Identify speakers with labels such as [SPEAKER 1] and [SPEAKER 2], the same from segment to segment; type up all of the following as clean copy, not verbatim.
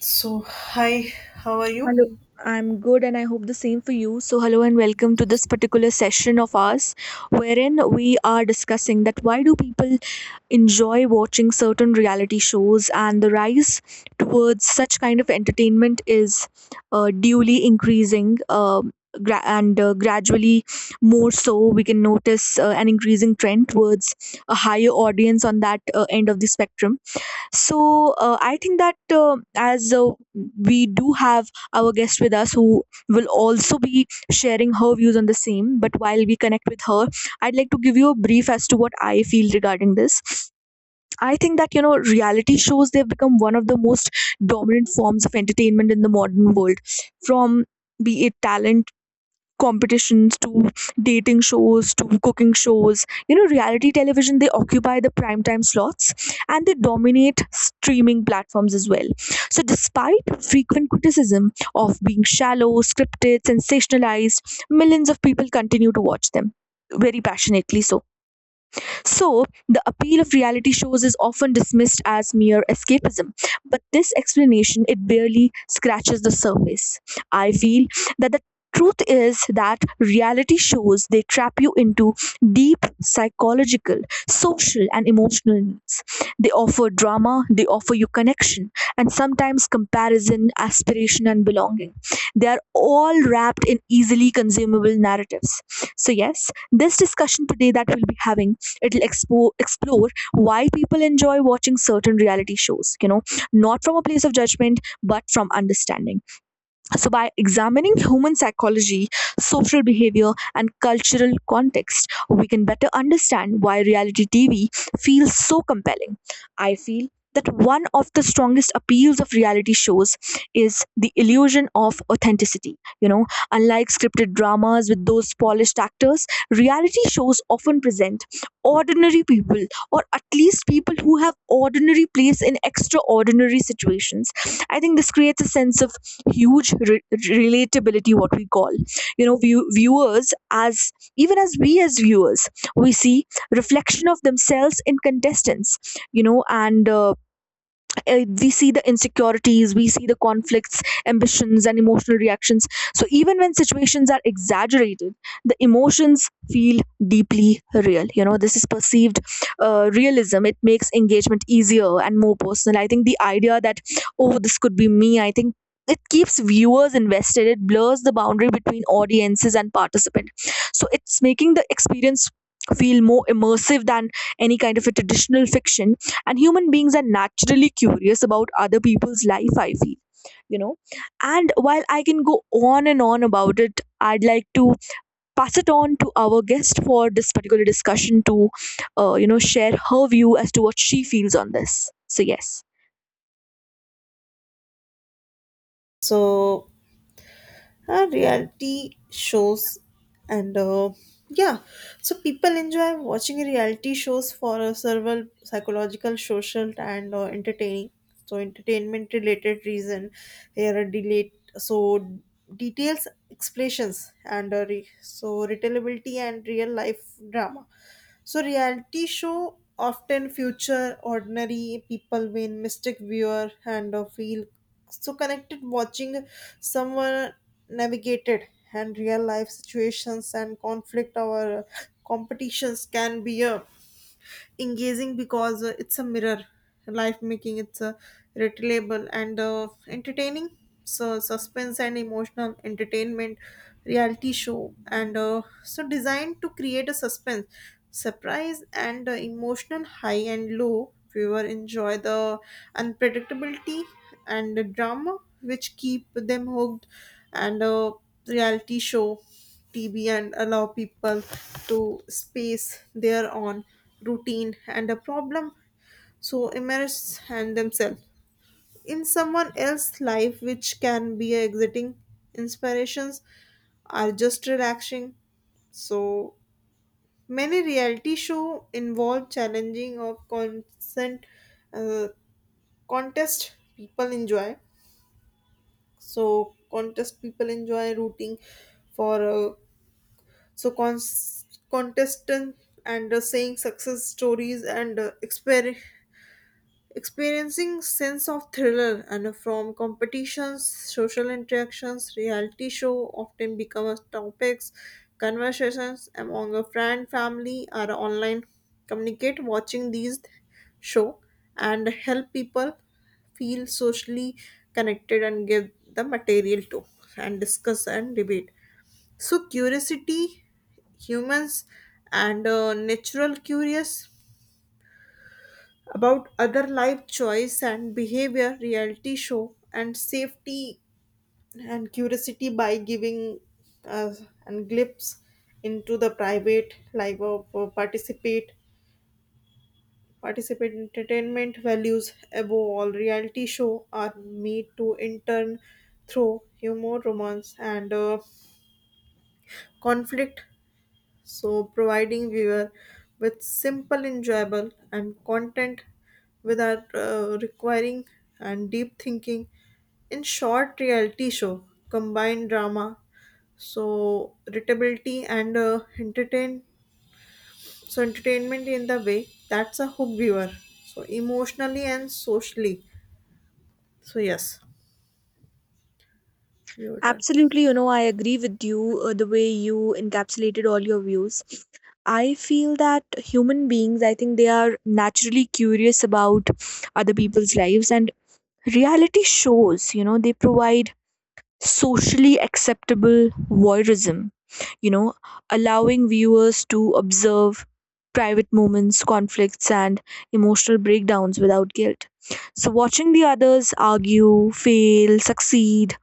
[SPEAKER 1] So, hi, how are you?
[SPEAKER 2] Hello, I'm good and I hope the same for you. So, hello and
[SPEAKER 1] Yeah.
[SPEAKER 2] welcome to this particular session of ours, wherein we are discussing that why do people enjoy watching certain reality shows, and the rise towards such kind of entertainment is duly increasing. Gra- and Gradually, more so, we can notice an increasing trend towards a higher audience on that end of the spectrum. So I think that as we do have our guest with us who will also be sharing her views on the same, but while we connect with her, I'd like to give you a brief as to what I feel regarding this. I think that you know reality shows, they've become one of the most dominant forms of entertainment in the modern world. From, be it talent competitions to dating shows to cooking shows, you know, reality television, they occupy the prime time slots and they dominate streaming platforms as well. So despite frequent criticism of being shallow, scripted, sensationalized, millions of people continue to watch them very passionately. So, the appeal of reality shows is often dismissed as mere escapism, but this explanation, it barely scratches the surface. I feel that the truth is that reality shows, they trap you into deep psychological, social and emotional needs. They offer drama, they offer you connection, and sometimes comparison, aspiration and belonging. They are all wrapped in easily consumable narratives. So yes, this discussion today that we'll be having, it'll explore why people enjoy watching certain reality shows, you know, not from a place of judgment but from understanding. So, by examining human psychology, social behavior, and cultural context, we can better understand why reality TV feels so compelling. I feel that one of the strongest appeals of reality shows is the illusion of authenticity. You know, unlike scripted dramas with those polished actors, reality shows often present ordinary people, or at least people who have ordinary place in extraordinary situations. I think this creates a sense of huge relatability, what we call, you know, viewers, as even as we as viewers, we see reflection of themselves in contestants, you know, and we see the insecurities, we see the conflicts, ambitions and emotional reactions. So even when situations are exaggerated, the emotions feel deeply real. You know, this is perceived realism. It makes engagement easier and more personal. I think the idea that, oh, this could be me, I think it keeps viewers invested. It blurs the boundary between audiences and participant, so it's making the experience feel more immersive than any kind of a traditional fiction. And human beings are naturally curious about other people's life, I feel, you know. And while I can go on and on about it, I'd like to pass it on to our guest for this particular discussion to you know, share her view as to what she feels on this. So yes.
[SPEAKER 1] So reality shows and yeah, so people enjoy watching reality shows for several psychological, social and entertaining so entertainment related reason. Here are delayed so details explanations and retailability and real life drama. So reality show often feature ordinary people with mystic viewer and feel so connected watching someone navigated and real life situations and conflict or competitions can be a engaging because it's a mirror life, making it's a relatable and entertaining. So suspense and emotional entertainment, reality show and so designed to create a suspense, surprise and emotional high and low. Viewer enjoy the unpredictability and the drama which keep them hooked. And Reality show TB and allow people to space their own routine and a problem, so immerse and themselves in someone else's life which can be exiting, inspirations, are just relaxing. So many reality show involve challenging or consent, uh, contest people enjoy contest people enjoy rooting for, contestant and saying success stories and experiencing sense of thriller and from competitions. Social interactions, reality show often become as topics, conversations among a friend, family or online communicate. Watching these show and help people feel socially connected and give the material to and discuss and debate. So, curiosity, humans, and natural curious about other life choice and behavior, reality show, and safety and curiosity by giving us and glimpse into the private life of participate. Entertainment values above all, reality show are made to intern turn through humor, romance and conflict, so providing viewer with simple enjoyable and content without requiring and deep thinking. In short, reality show combined drama so readability and entertainment in the way that's a hook viewer so emotionally and socially. So yes, your turn.
[SPEAKER 2] Absolutely, you know, I agree with you. The way you encapsulated all your views, I feel that human beings, I think they are naturally curious about other people's lives, and reality shows, you know, they provide socially acceptable voyeurism, you know, allowing viewers to observe private moments, conflicts and emotional breakdowns without guilt. So watching the others argue, fail, succeed,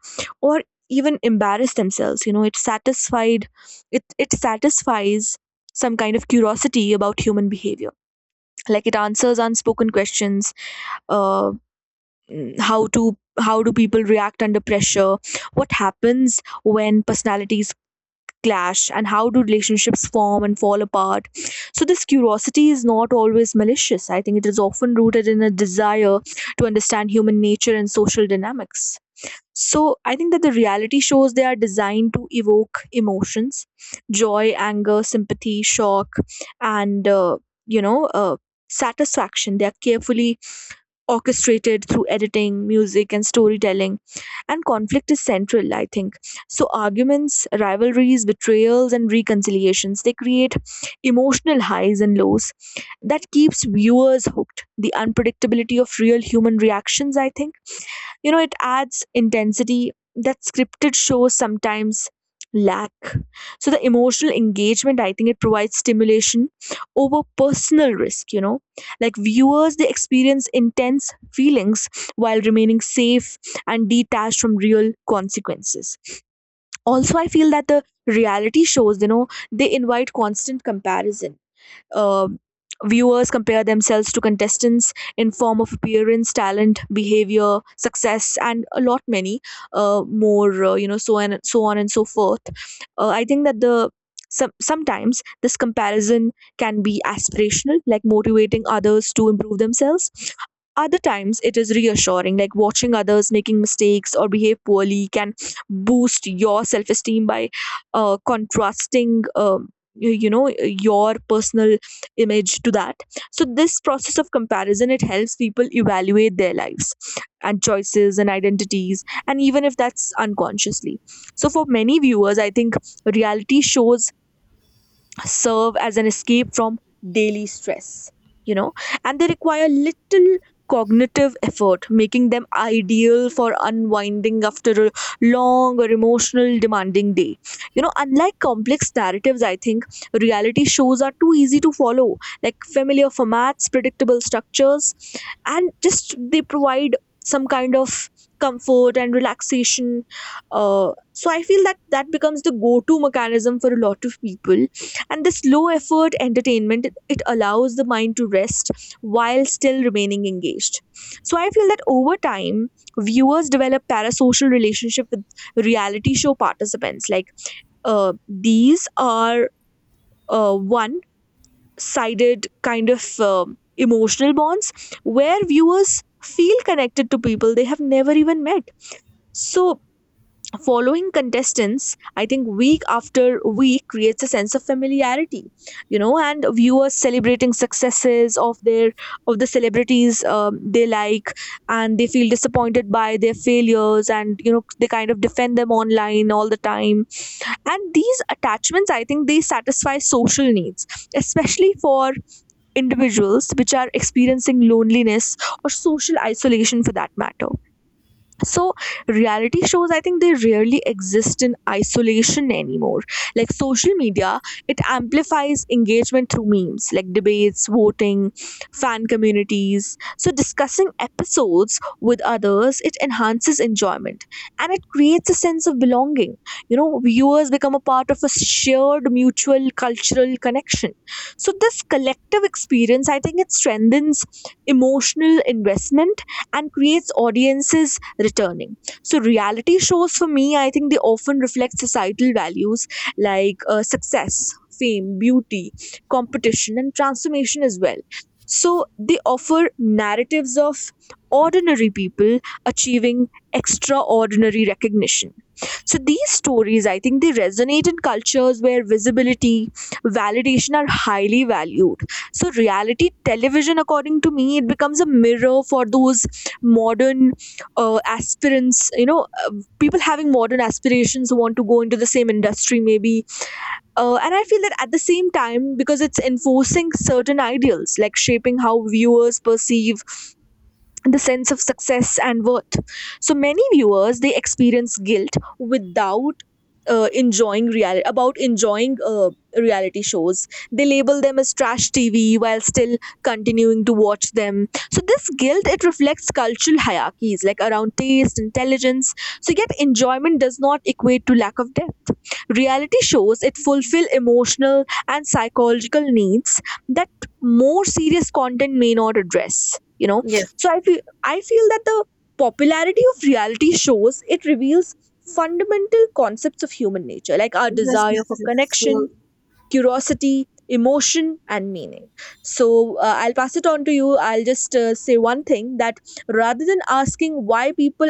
[SPEAKER 2] or even embarrass themselves, you know, it satisfied it it satisfies some kind of curiosity about human behavior. Like, it answers unspoken questions. uh, how do people react under pressure, what happens when personalities clash, and how do relationships form and fall apart? So this curiosity is not always malicious. I think it is often rooted in a desire to understand human nature and social dynamics. So I think that the reality shows, they are designed to evoke emotions: joy, anger, sympathy, shock, and you know uh, satisfaction. They are carefully orchestrated through editing, music, and storytelling. And conflict is central, I think. So, arguments, rivalries, betrayals, and reconciliations, they create emotional highs and lows that keeps viewers hooked. The unpredictability of real human reactions, I think, you know, it adds intensity that scripted shows sometimes lack. So the emotional engagement, I think it provides stimulation over personal risk, you know. Like viewers, they experience intense feelings while remaining safe and detached from real consequences. Also, I feel that the reality shows, you know, they invite constant comparison. uh, Viewers compare themselves to contestants in form of appearance, talent, behavior, success and a lot many more, you know, so and so on and so forth. I think that the sometimes this comparison can be aspirational, like motivating others to improve themselves. Other times it is reassuring, like watching others making mistakes or behave poorly can boost your self-esteem by contrasting, you know, your personal image to that. So this process of comparison, it helps people evaluate their lives and choices and identities, and even if that's unconsciously. So for many viewers, I think reality shows serve as an escape from daily stress, you know, and they require little cognitive effort, making them ideal for unwinding after a long or emotional demanding day. You know, unlike complex narratives, I think reality shows are too easy to follow, like familiar formats, predictable structures, and just they provide some kind of comfort and relaxation. So I feel that that becomes the go-to mechanism for a lot of people, and this low effort entertainment, it allows the mind to rest while still remaining engaged. So I feel that over time viewers develop parasocial relationship with reality show participants. Like, uh, these are one sided kind of emotional bonds where viewers feel connected to people they have never even met. So following contestants, I think week after week creates a sense of familiarity, you know, and viewers celebrating successes of their, of the celebrities they like, and they feel disappointed by their failures, and you know they kind of defend them online all the time. And these attachments, I think they satisfy social needs, especially for individuals which are experiencing loneliness or social isolation for that matter. So reality shows, I think they rarely exist in isolation anymore. Like social media, it amplifies engagement through memes, like debates, voting, fan communities. So discussing episodes with others, it enhances enjoyment, and it creates a sense of belonging. You know, viewers become a part of a shared mutual cultural connection. So this collective experience, I think it strengthens emotional investment and creates audiences returning. So, reality shows for me, I think they often reflect societal values like success, fame, beauty, competition, and transformation as well. So, they offer narratives of ordinary people achieving extraordinary recognition. So, these stories, I think, they resonate in cultures where visibility, validation are highly valued. So, reality television, according to me, it becomes a mirror for those modern aspirants, you know, people having modern aspirations who want to go into the same industry maybe. And I feel that at the same time, because it's enforcing certain ideals, like shaping how viewers perceive the sense of success and worth. So many viewers, they experience guilt without enjoying reality shows. They label them as trash TV while still continuing to watch them. So this guilt, it reflects cultural hierarchies like around taste, intelligence. So yet enjoyment does not equate to lack of depth. Reality shows, it fulfill emotional and psychological needs that more serious content may not address, you know.
[SPEAKER 1] Yes,
[SPEAKER 2] So I feel that the popularity of reality shows, it reveals fundamental concepts of human nature, like our
[SPEAKER 1] yes,
[SPEAKER 2] desire
[SPEAKER 1] yes,
[SPEAKER 2] for
[SPEAKER 1] yes, so.
[SPEAKER 2] connection, curiosity, emotion, and meaning. So I'll pass it on to you. I'll just say one thing, that rather than asking why people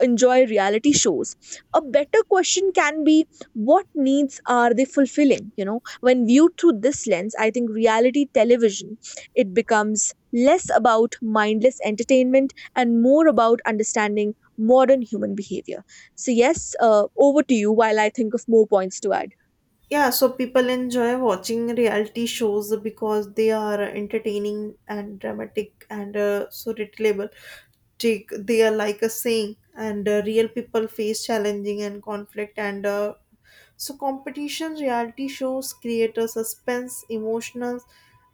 [SPEAKER 2] enjoy reality shows, a better question can be, what needs are they fulfilling? You know, when viewed through this lens, I think reality television, it becomes less about mindless entertainment and more about understanding modern human behavior. So yes, over to you while I think of more points to add.
[SPEAKER 1] Yeah, so people enjoy watching reality shows because they are entertaining and dramatic and so relatable. They are like a saying, and real people face challenging and conflict and so competition. Reality shows create a suspense, emotional,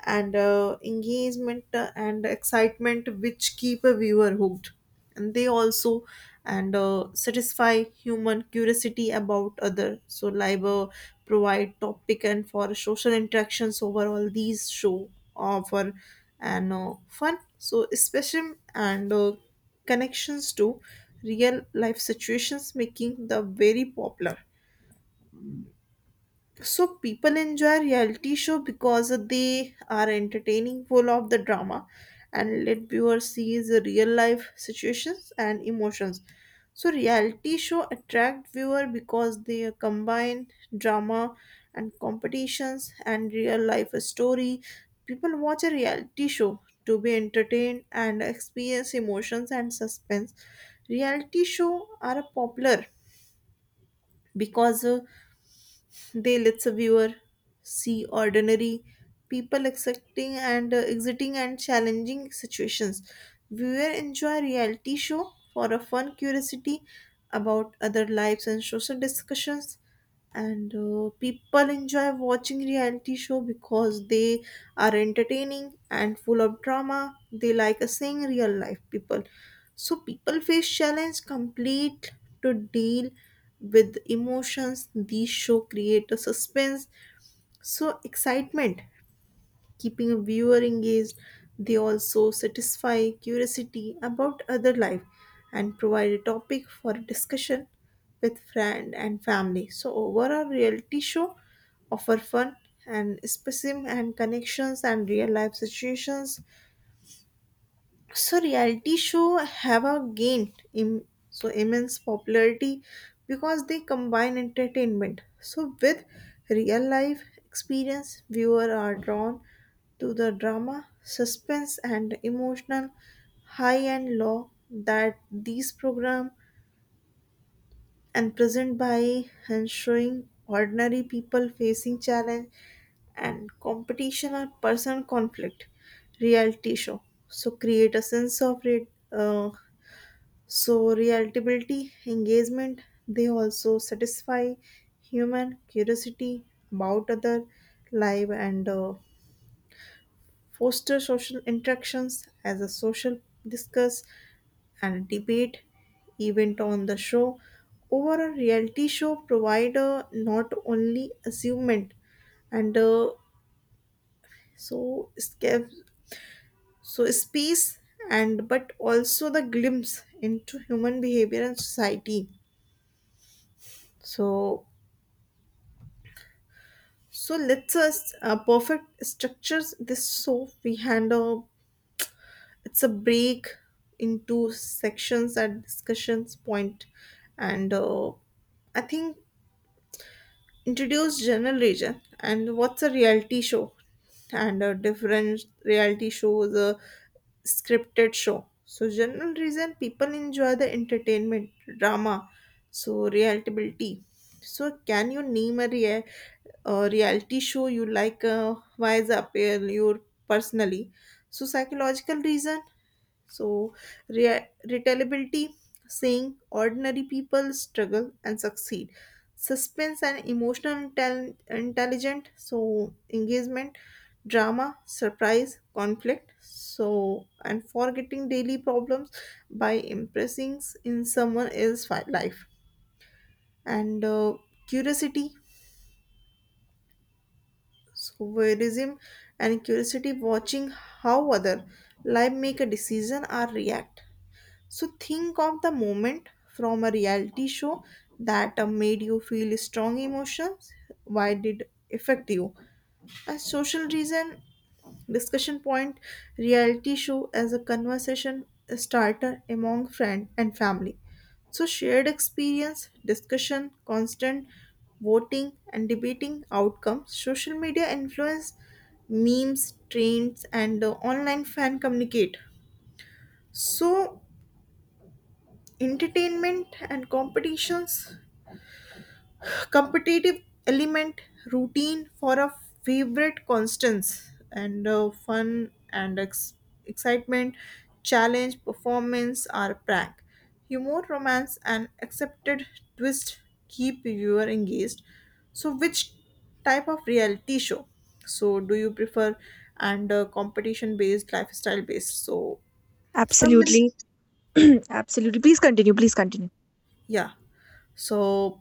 [SPEAKER 1] and engagement and excitement which keep a viewer hooked. And they also and satisfy human curiosity about other. So live, provide topic and for social interactions. Overall, these show offer and fun, so especially and connections to real life situations, making the very popular. So people enjoy reality show because they are entertaining, full of the drama, and let viewers see the real life situations and emotions. So reality show attract viewer because they combine drama and competitions and real life story. People watch a reality show to be entertained and experience emotions and suspense. Reality show are popular because they lets a viewer see ordinary people accepting and exiting and challenging situations. Viewer enjoy reality show for a fun, curiosity about other lives and social discussions, and people enjoy watching reality show because they are entertaining and full of drama. They like seeing real life people, so people face challenge, complete to deal with emotions. These show create a suspense so excitement, keeping a viewer engaged. They also satisfy curiosity about other life and provide a topic for discussion with friend and family. So overall, reality show offer fun and escapism and connections and real life situations. So reality show have a gained immense popularity because they combine entertainment so with real life experience. Viewer are drawn to the drama, suspense and emotional high and low that these program and present by and showing ordinary people facing challenge and competition or personal conflict. Reality show so create a sense of uh, relatability, engagement. They also satisfy human curiosity about other life and foster social interactions as a social discuss and debate event on the show. Over a reality show provide not only amusement and so escape, so space, and but also the glimpse into human behavior and society. So, so let's us perfect structures this so we handle it's a break into sections at discussions point, and I think introduce general region and what's a reality show and a different reality show is a scripted show. So general reason people enjoy the entertainment, drama, so relatability. So can you name a, a reality show you like, why is appeal your personally? So psychological reason, so, retailability, saying ordinary people struggle and succeed. Suspense and emotional intelligent, so engagement, drama, surprise, conflict. So, and forgetting daily problems by impressing in someone else's life. And curiosity, so voyeurism and curiosity, watching how other life make a decision or react. So think of the moment from a reality show that made you feel strong emotions. Why did affect you? A social reason, discussion point, reality show as a conversation starter among friend and family. So shared experience, discussion, constant voting and debating outcomes. Social media influence, memes, trends, and online fan communicate. So entertainment and competitions, competitive element, routine for a favorite constants and excitement, challenge, performance or prank, humor, romance and accepted twist, keep viewer engaged. So which type of reality show so do you prefer, and competition based, lifestyle based, so summary.
[SPEAKER 2] Absolutely. Absolutely. Please continue. Please continue.
[SPEAKER 1] Yeah, so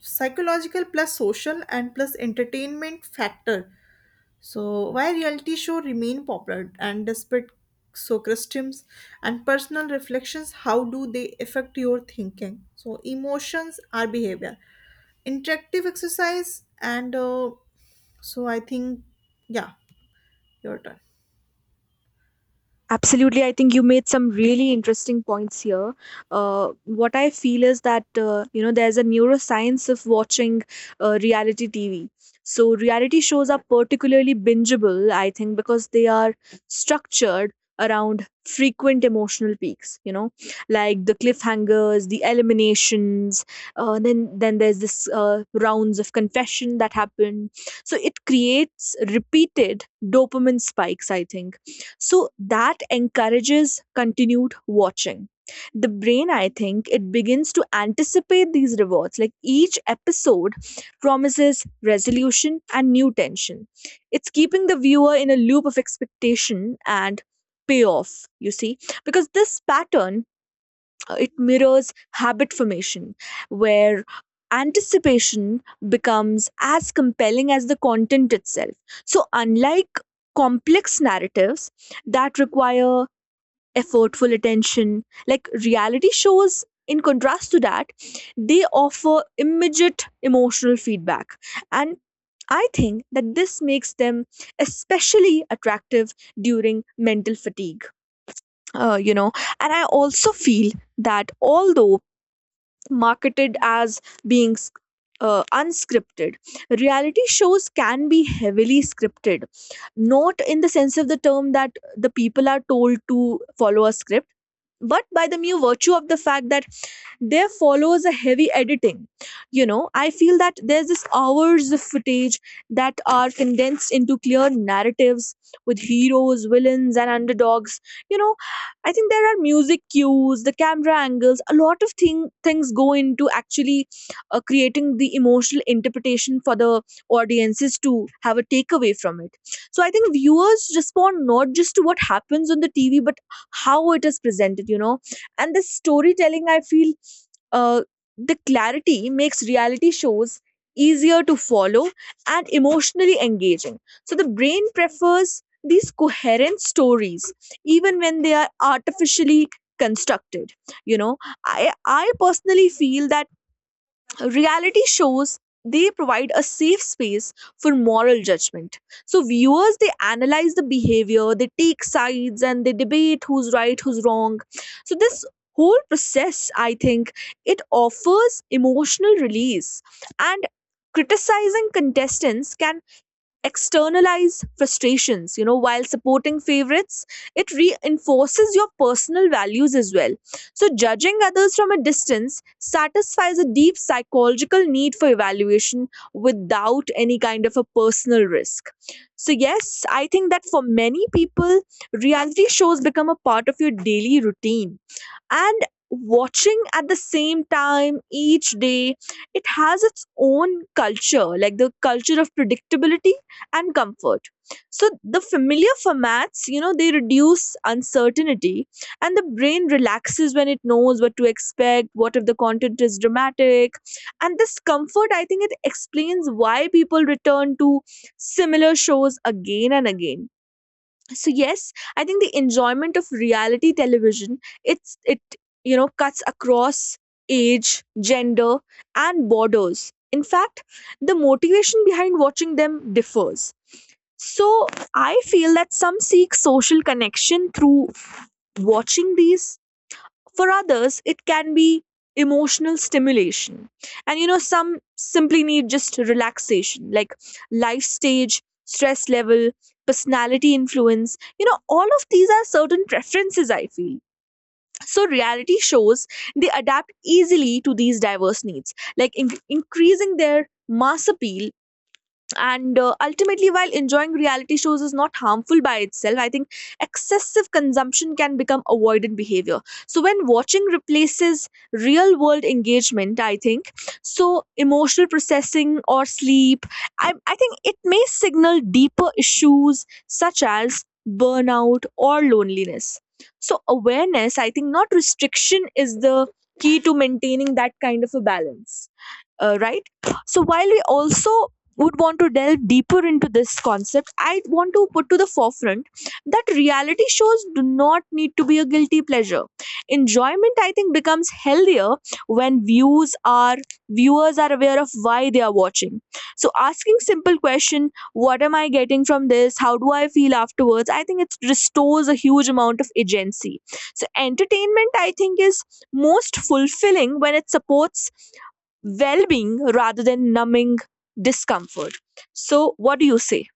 [SPEAKER 1] psychological plus social and plus entertainment factor. So why reality show remain popular and despite so Socrates and personal reflections, how do they affect your thinking? So emotions are behavior. Interactive exercise and so I think, yeah, your turn.
[SPEAKER 2] Absolutely. I think you made some really
[SPEAKER 1] Yes.
[SPEAKER 2] interesting points here. What I feel is that, you know, there's a neuroscience of watching reality TV. So, reality shows are particularly bingeable, I think, because they are structured around frequent emotional peaks, you know, like the cliffhangers, the eliminations, then there's this rounds of confession that happen. So it creates repeated dopamine spikes, I think, so that encourages continued watching. The brain, I think, it begins to anticipate these rewards. Like each episode promises resolution and new tension. It's keeping the viewer in a loop of expectation and payoff, you see, because this pattern it mirrors habit formation where anticipation becomes as compelling as the content itself. So unlike complex narratives that require effortful attention, like reality shows in contrast to that, they offer immediate emotional feedback. And I think that this makes them especially attractive during mental fatigue, uh, you know and I also feel that although marketed as being unscripted, reality shows can be heavily scripted, not in the sense of the term that the people are told to follow a script, but by the mere virtue of the fact that there follows a heavy editing. You know, I feel that there's this hours of footage that are condensed into clear narratives with heroes, villains and underdogs. You know, I think there are music cues, the camera angles, a lot of things go into actually creating the emotional interpretation for the audiences to have a takeaway from it. So I think viewers respond not just to what happens on the TV but how it is presented, you know, and the storytelling, I feel, uh, the clarity makes reality shows easier to follow and emotionally engaging. So the brain prefers these coherent stories, even when they are artificially constructed. You know, I personally feel that reality shows, they provide a safe space for moral judgment. So viewers, they analyze the behavior, they take sides and they debate who's right, who's wrong. So this whole process, I think, it offers emotional release, and criticizing contestants can externalize frustrations, you know, while supporting favorites it reinforces your personal values as well. So judging others from a distance satisfies a deep psychological need for evaluation without any kind of a personal risk. So yes, I think that for many people reality shows become a part of your daily routine, and watching at the same time each day, it has its own culture, like the culture of predictability and comfort. So the familiar formats, you know, they reduce uncertainty, and the brain relaxes when it knows what to expect, what if the content is dramatic. And this comfort, I think, it explains why people return to similar shows again and again. So yes, I think the enjoyment of reality television, it's it, you know, cuts across age, gender and borders. In fact, the motivation behind watching them differs. So I feel that some seek social connection through watching these. For others, it can be emotional stimulation. And you know, some simply need just relaxation, like life stage, stress level, personality influence. You know, all of these are certain preferences, I feel. So, reality shows, they adapt easily to these diverse needs, like increasing their mass appeal, and ultimately, while enjoying reality shows is not harmful by itself, I think excessive consumption can become avoidant behavior. So when watching replaces real world engagement, I think, so emotional processing or sleep, I think it may signal deeper issues such as burnout or loneliness. So awareness, I think, not restriction, is the key to maintaining that kind of a balance. Right. So while we also would want to delve deeper into this concept, I want to put to the forefront that reality shows do not need to be a guilty pleasure. Enjoyment, I think, becomes healthier when views are viewers are aware of why they are watching. So asking simple question, what am I getting from this? How do I feel afterwards? I think it restores a huge amount of agency. So entertainment, I think, is most fulfilling when it supports well-being rather than numbing discomfort. So, what do you say?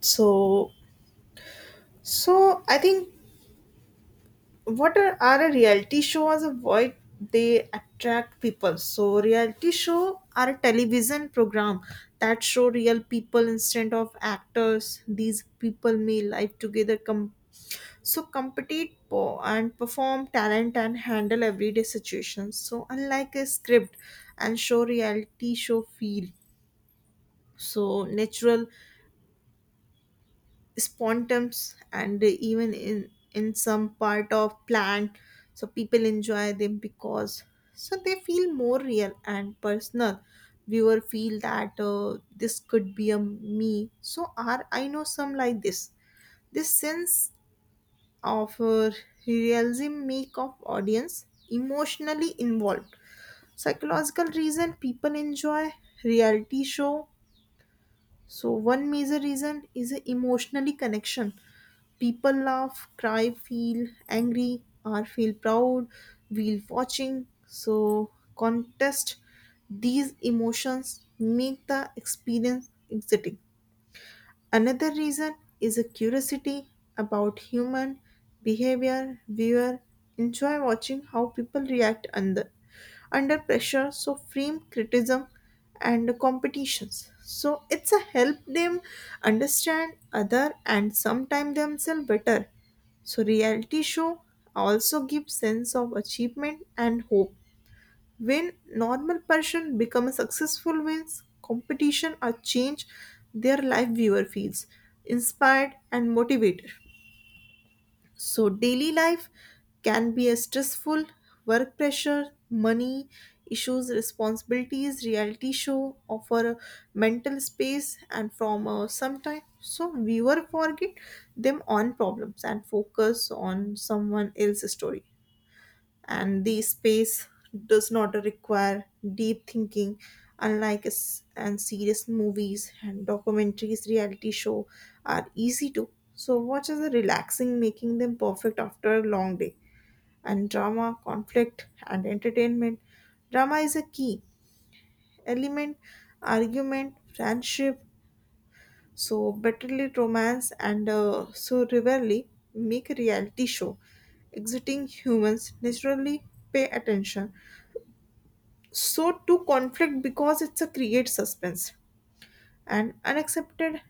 [SPEAKER 1] So, so I think what are a reality show as a void, they attract people. So reality show are a television program that show real people instead of actors. These people may live together, compete, and perform talent and handle everyday situations. So unlike a script and show, reality show feel so natural, spontums and even in some part of plant. So people enjoy them because so they feel more real and personal. Viewer feel that this could be a me, so are I know some like this. This sense of realism make of audience emotionally involved. Psychological reason people enjoy reality show. So one major reason is a emotionally connection. People laugh, cry, feel angry, or feel proud while watching. So, contest, these emotions make the experience exciting. Another reason is a curiosity about human behavior. Viewer enjoy watching how people react under pressure, so frame criticism and competitions. So it's a help them understand other and sometimes themselves better. So reality show also gives sense of achievement and hope. When normal person become successful, wins competition or change their life, viewer feels inspired and motivated. So daily life can be a stressful, work pressure, money issues, responsibilities. Reality show offer a mental space and from sometime, so viewer forget them on problems and focus on someone else's story and the space does not require deep thinking. Unlike s- and serious movies and documentaries, reality show are easy to so watch as a relaxing, making them perfect after a long day. And drama, conflict and entertainment. Drama is a key element, argument, friendship, so betterly, romance and so rarely make a reality show exiting. Humans naturally pay attention so to conflict because it's a create suspense and unaccepted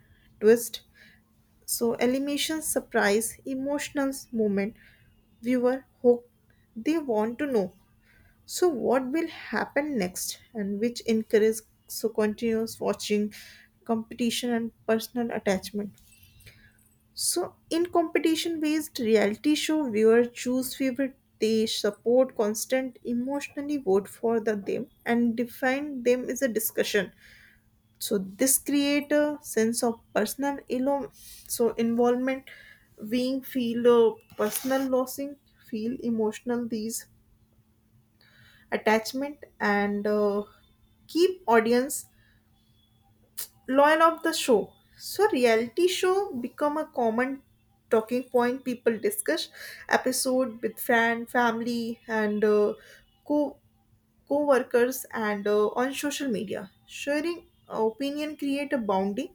[SPEAKER 1] twist, so elimination, surprise, emotional moment, viewer hope. They want to know so what will happen next and which encourages so continuous watching, competition and personal attachment. So in competition based reality show, viewers choose favorite, they support constant emotionally, vote for the them and define them is a discussion. So this create a sense of personal involvement, being feel personal losing, feel emotional. These attachment and keep audience loyal of the show. So reality show become a common talking point. People discuss episode with friend, family and co co-workers and on social media. Sharing opinion create a bounding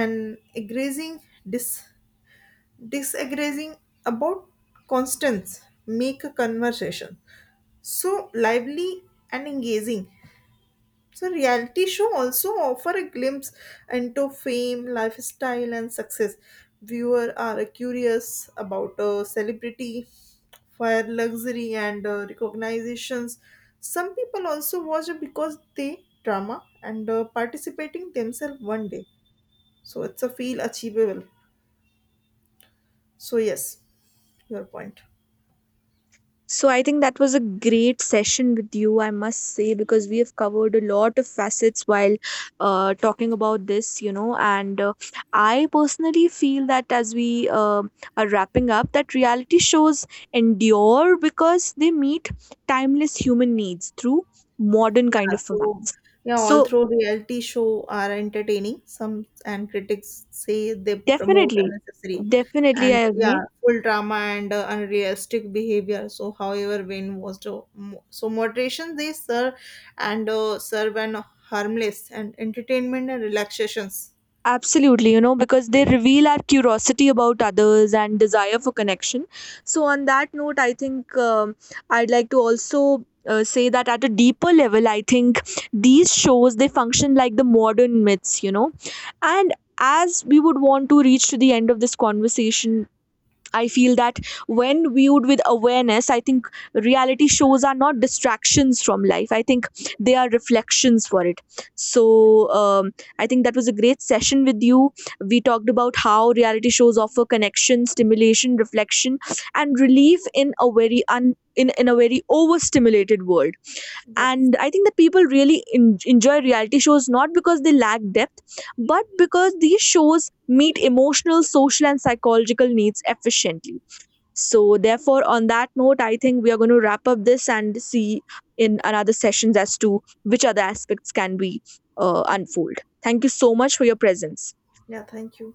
[SPEAKER 1] and agreeing, dis- disagreeing about constants make a conversation so lively and engaging. So reality show also offer a glimpse into fame, lifestyle and success. Viewer are curious about celebrity, fire, luxury and recognitions. Some people also watch it because they drama and participating themselves one day. So it's a feel achievable. So yes, your point.
[SPEAKER 2] So I think that was a great session with you, I must say, because we have covered a lot of facets while talking about this, you know. And I personally feel that as we are wrapping up, that reality shows endure because they meet timeless human needs through modern kind
[SPEAKER 1] Yeah,
[SPEAKER 2] of format.
[SPEAKER 1] so yeah,
[SPEAKER 2] So
[SPEAKER 1] although reality show are entertaining, some and critics say they promote
[SPEAKER 2] definitely,
[SPEAKER 1] unnecessary
[SPEAKER 2] definitely, I
[SPEAKER 1] and yeah,
[SPEAKER 2] agree.
[SPEAKER 1] full drama and unrealistic behavior. So however, when was the moderation, they serve and serve and harmless and entertainment and relaxations.
[SPEAKER 2] Absolutely, you know, because they
[SPEAKER 1] Yes,
[SPEAKER 2] reveal our curiosity about others and desire for connection. So, on that note, I think I'd like to also say that at a deeper level, I think these shows, they function like the modern myths, you know, and as we would want to reach to the end of this conversation, I feel that when viewed with awareness, I think reality shows are not distractions from life. I think
[SPEAKER 1] yes,
[SPEAKER 2] they are reflections for it.
[SPEAKER 1] yes,
[SPEAKER 2] So I think that was a great session with you. We talked about how reality shows offer connection, stimulation, reflection, and relief in a very in a very overstimulated world.
[SPEAKER 1] yes.
[SPEAKER 2] And I think that people really enjoy reality shows not because they lack depth, but because these shows meet emotional, social and psychological needs efficiently. So therefore, on that note, I think we are going to wrap up this and see in another sessions as to which other aspects can be unfold. Thank you so much for your presence.
[SPEAKER 1] Yeah, thank you.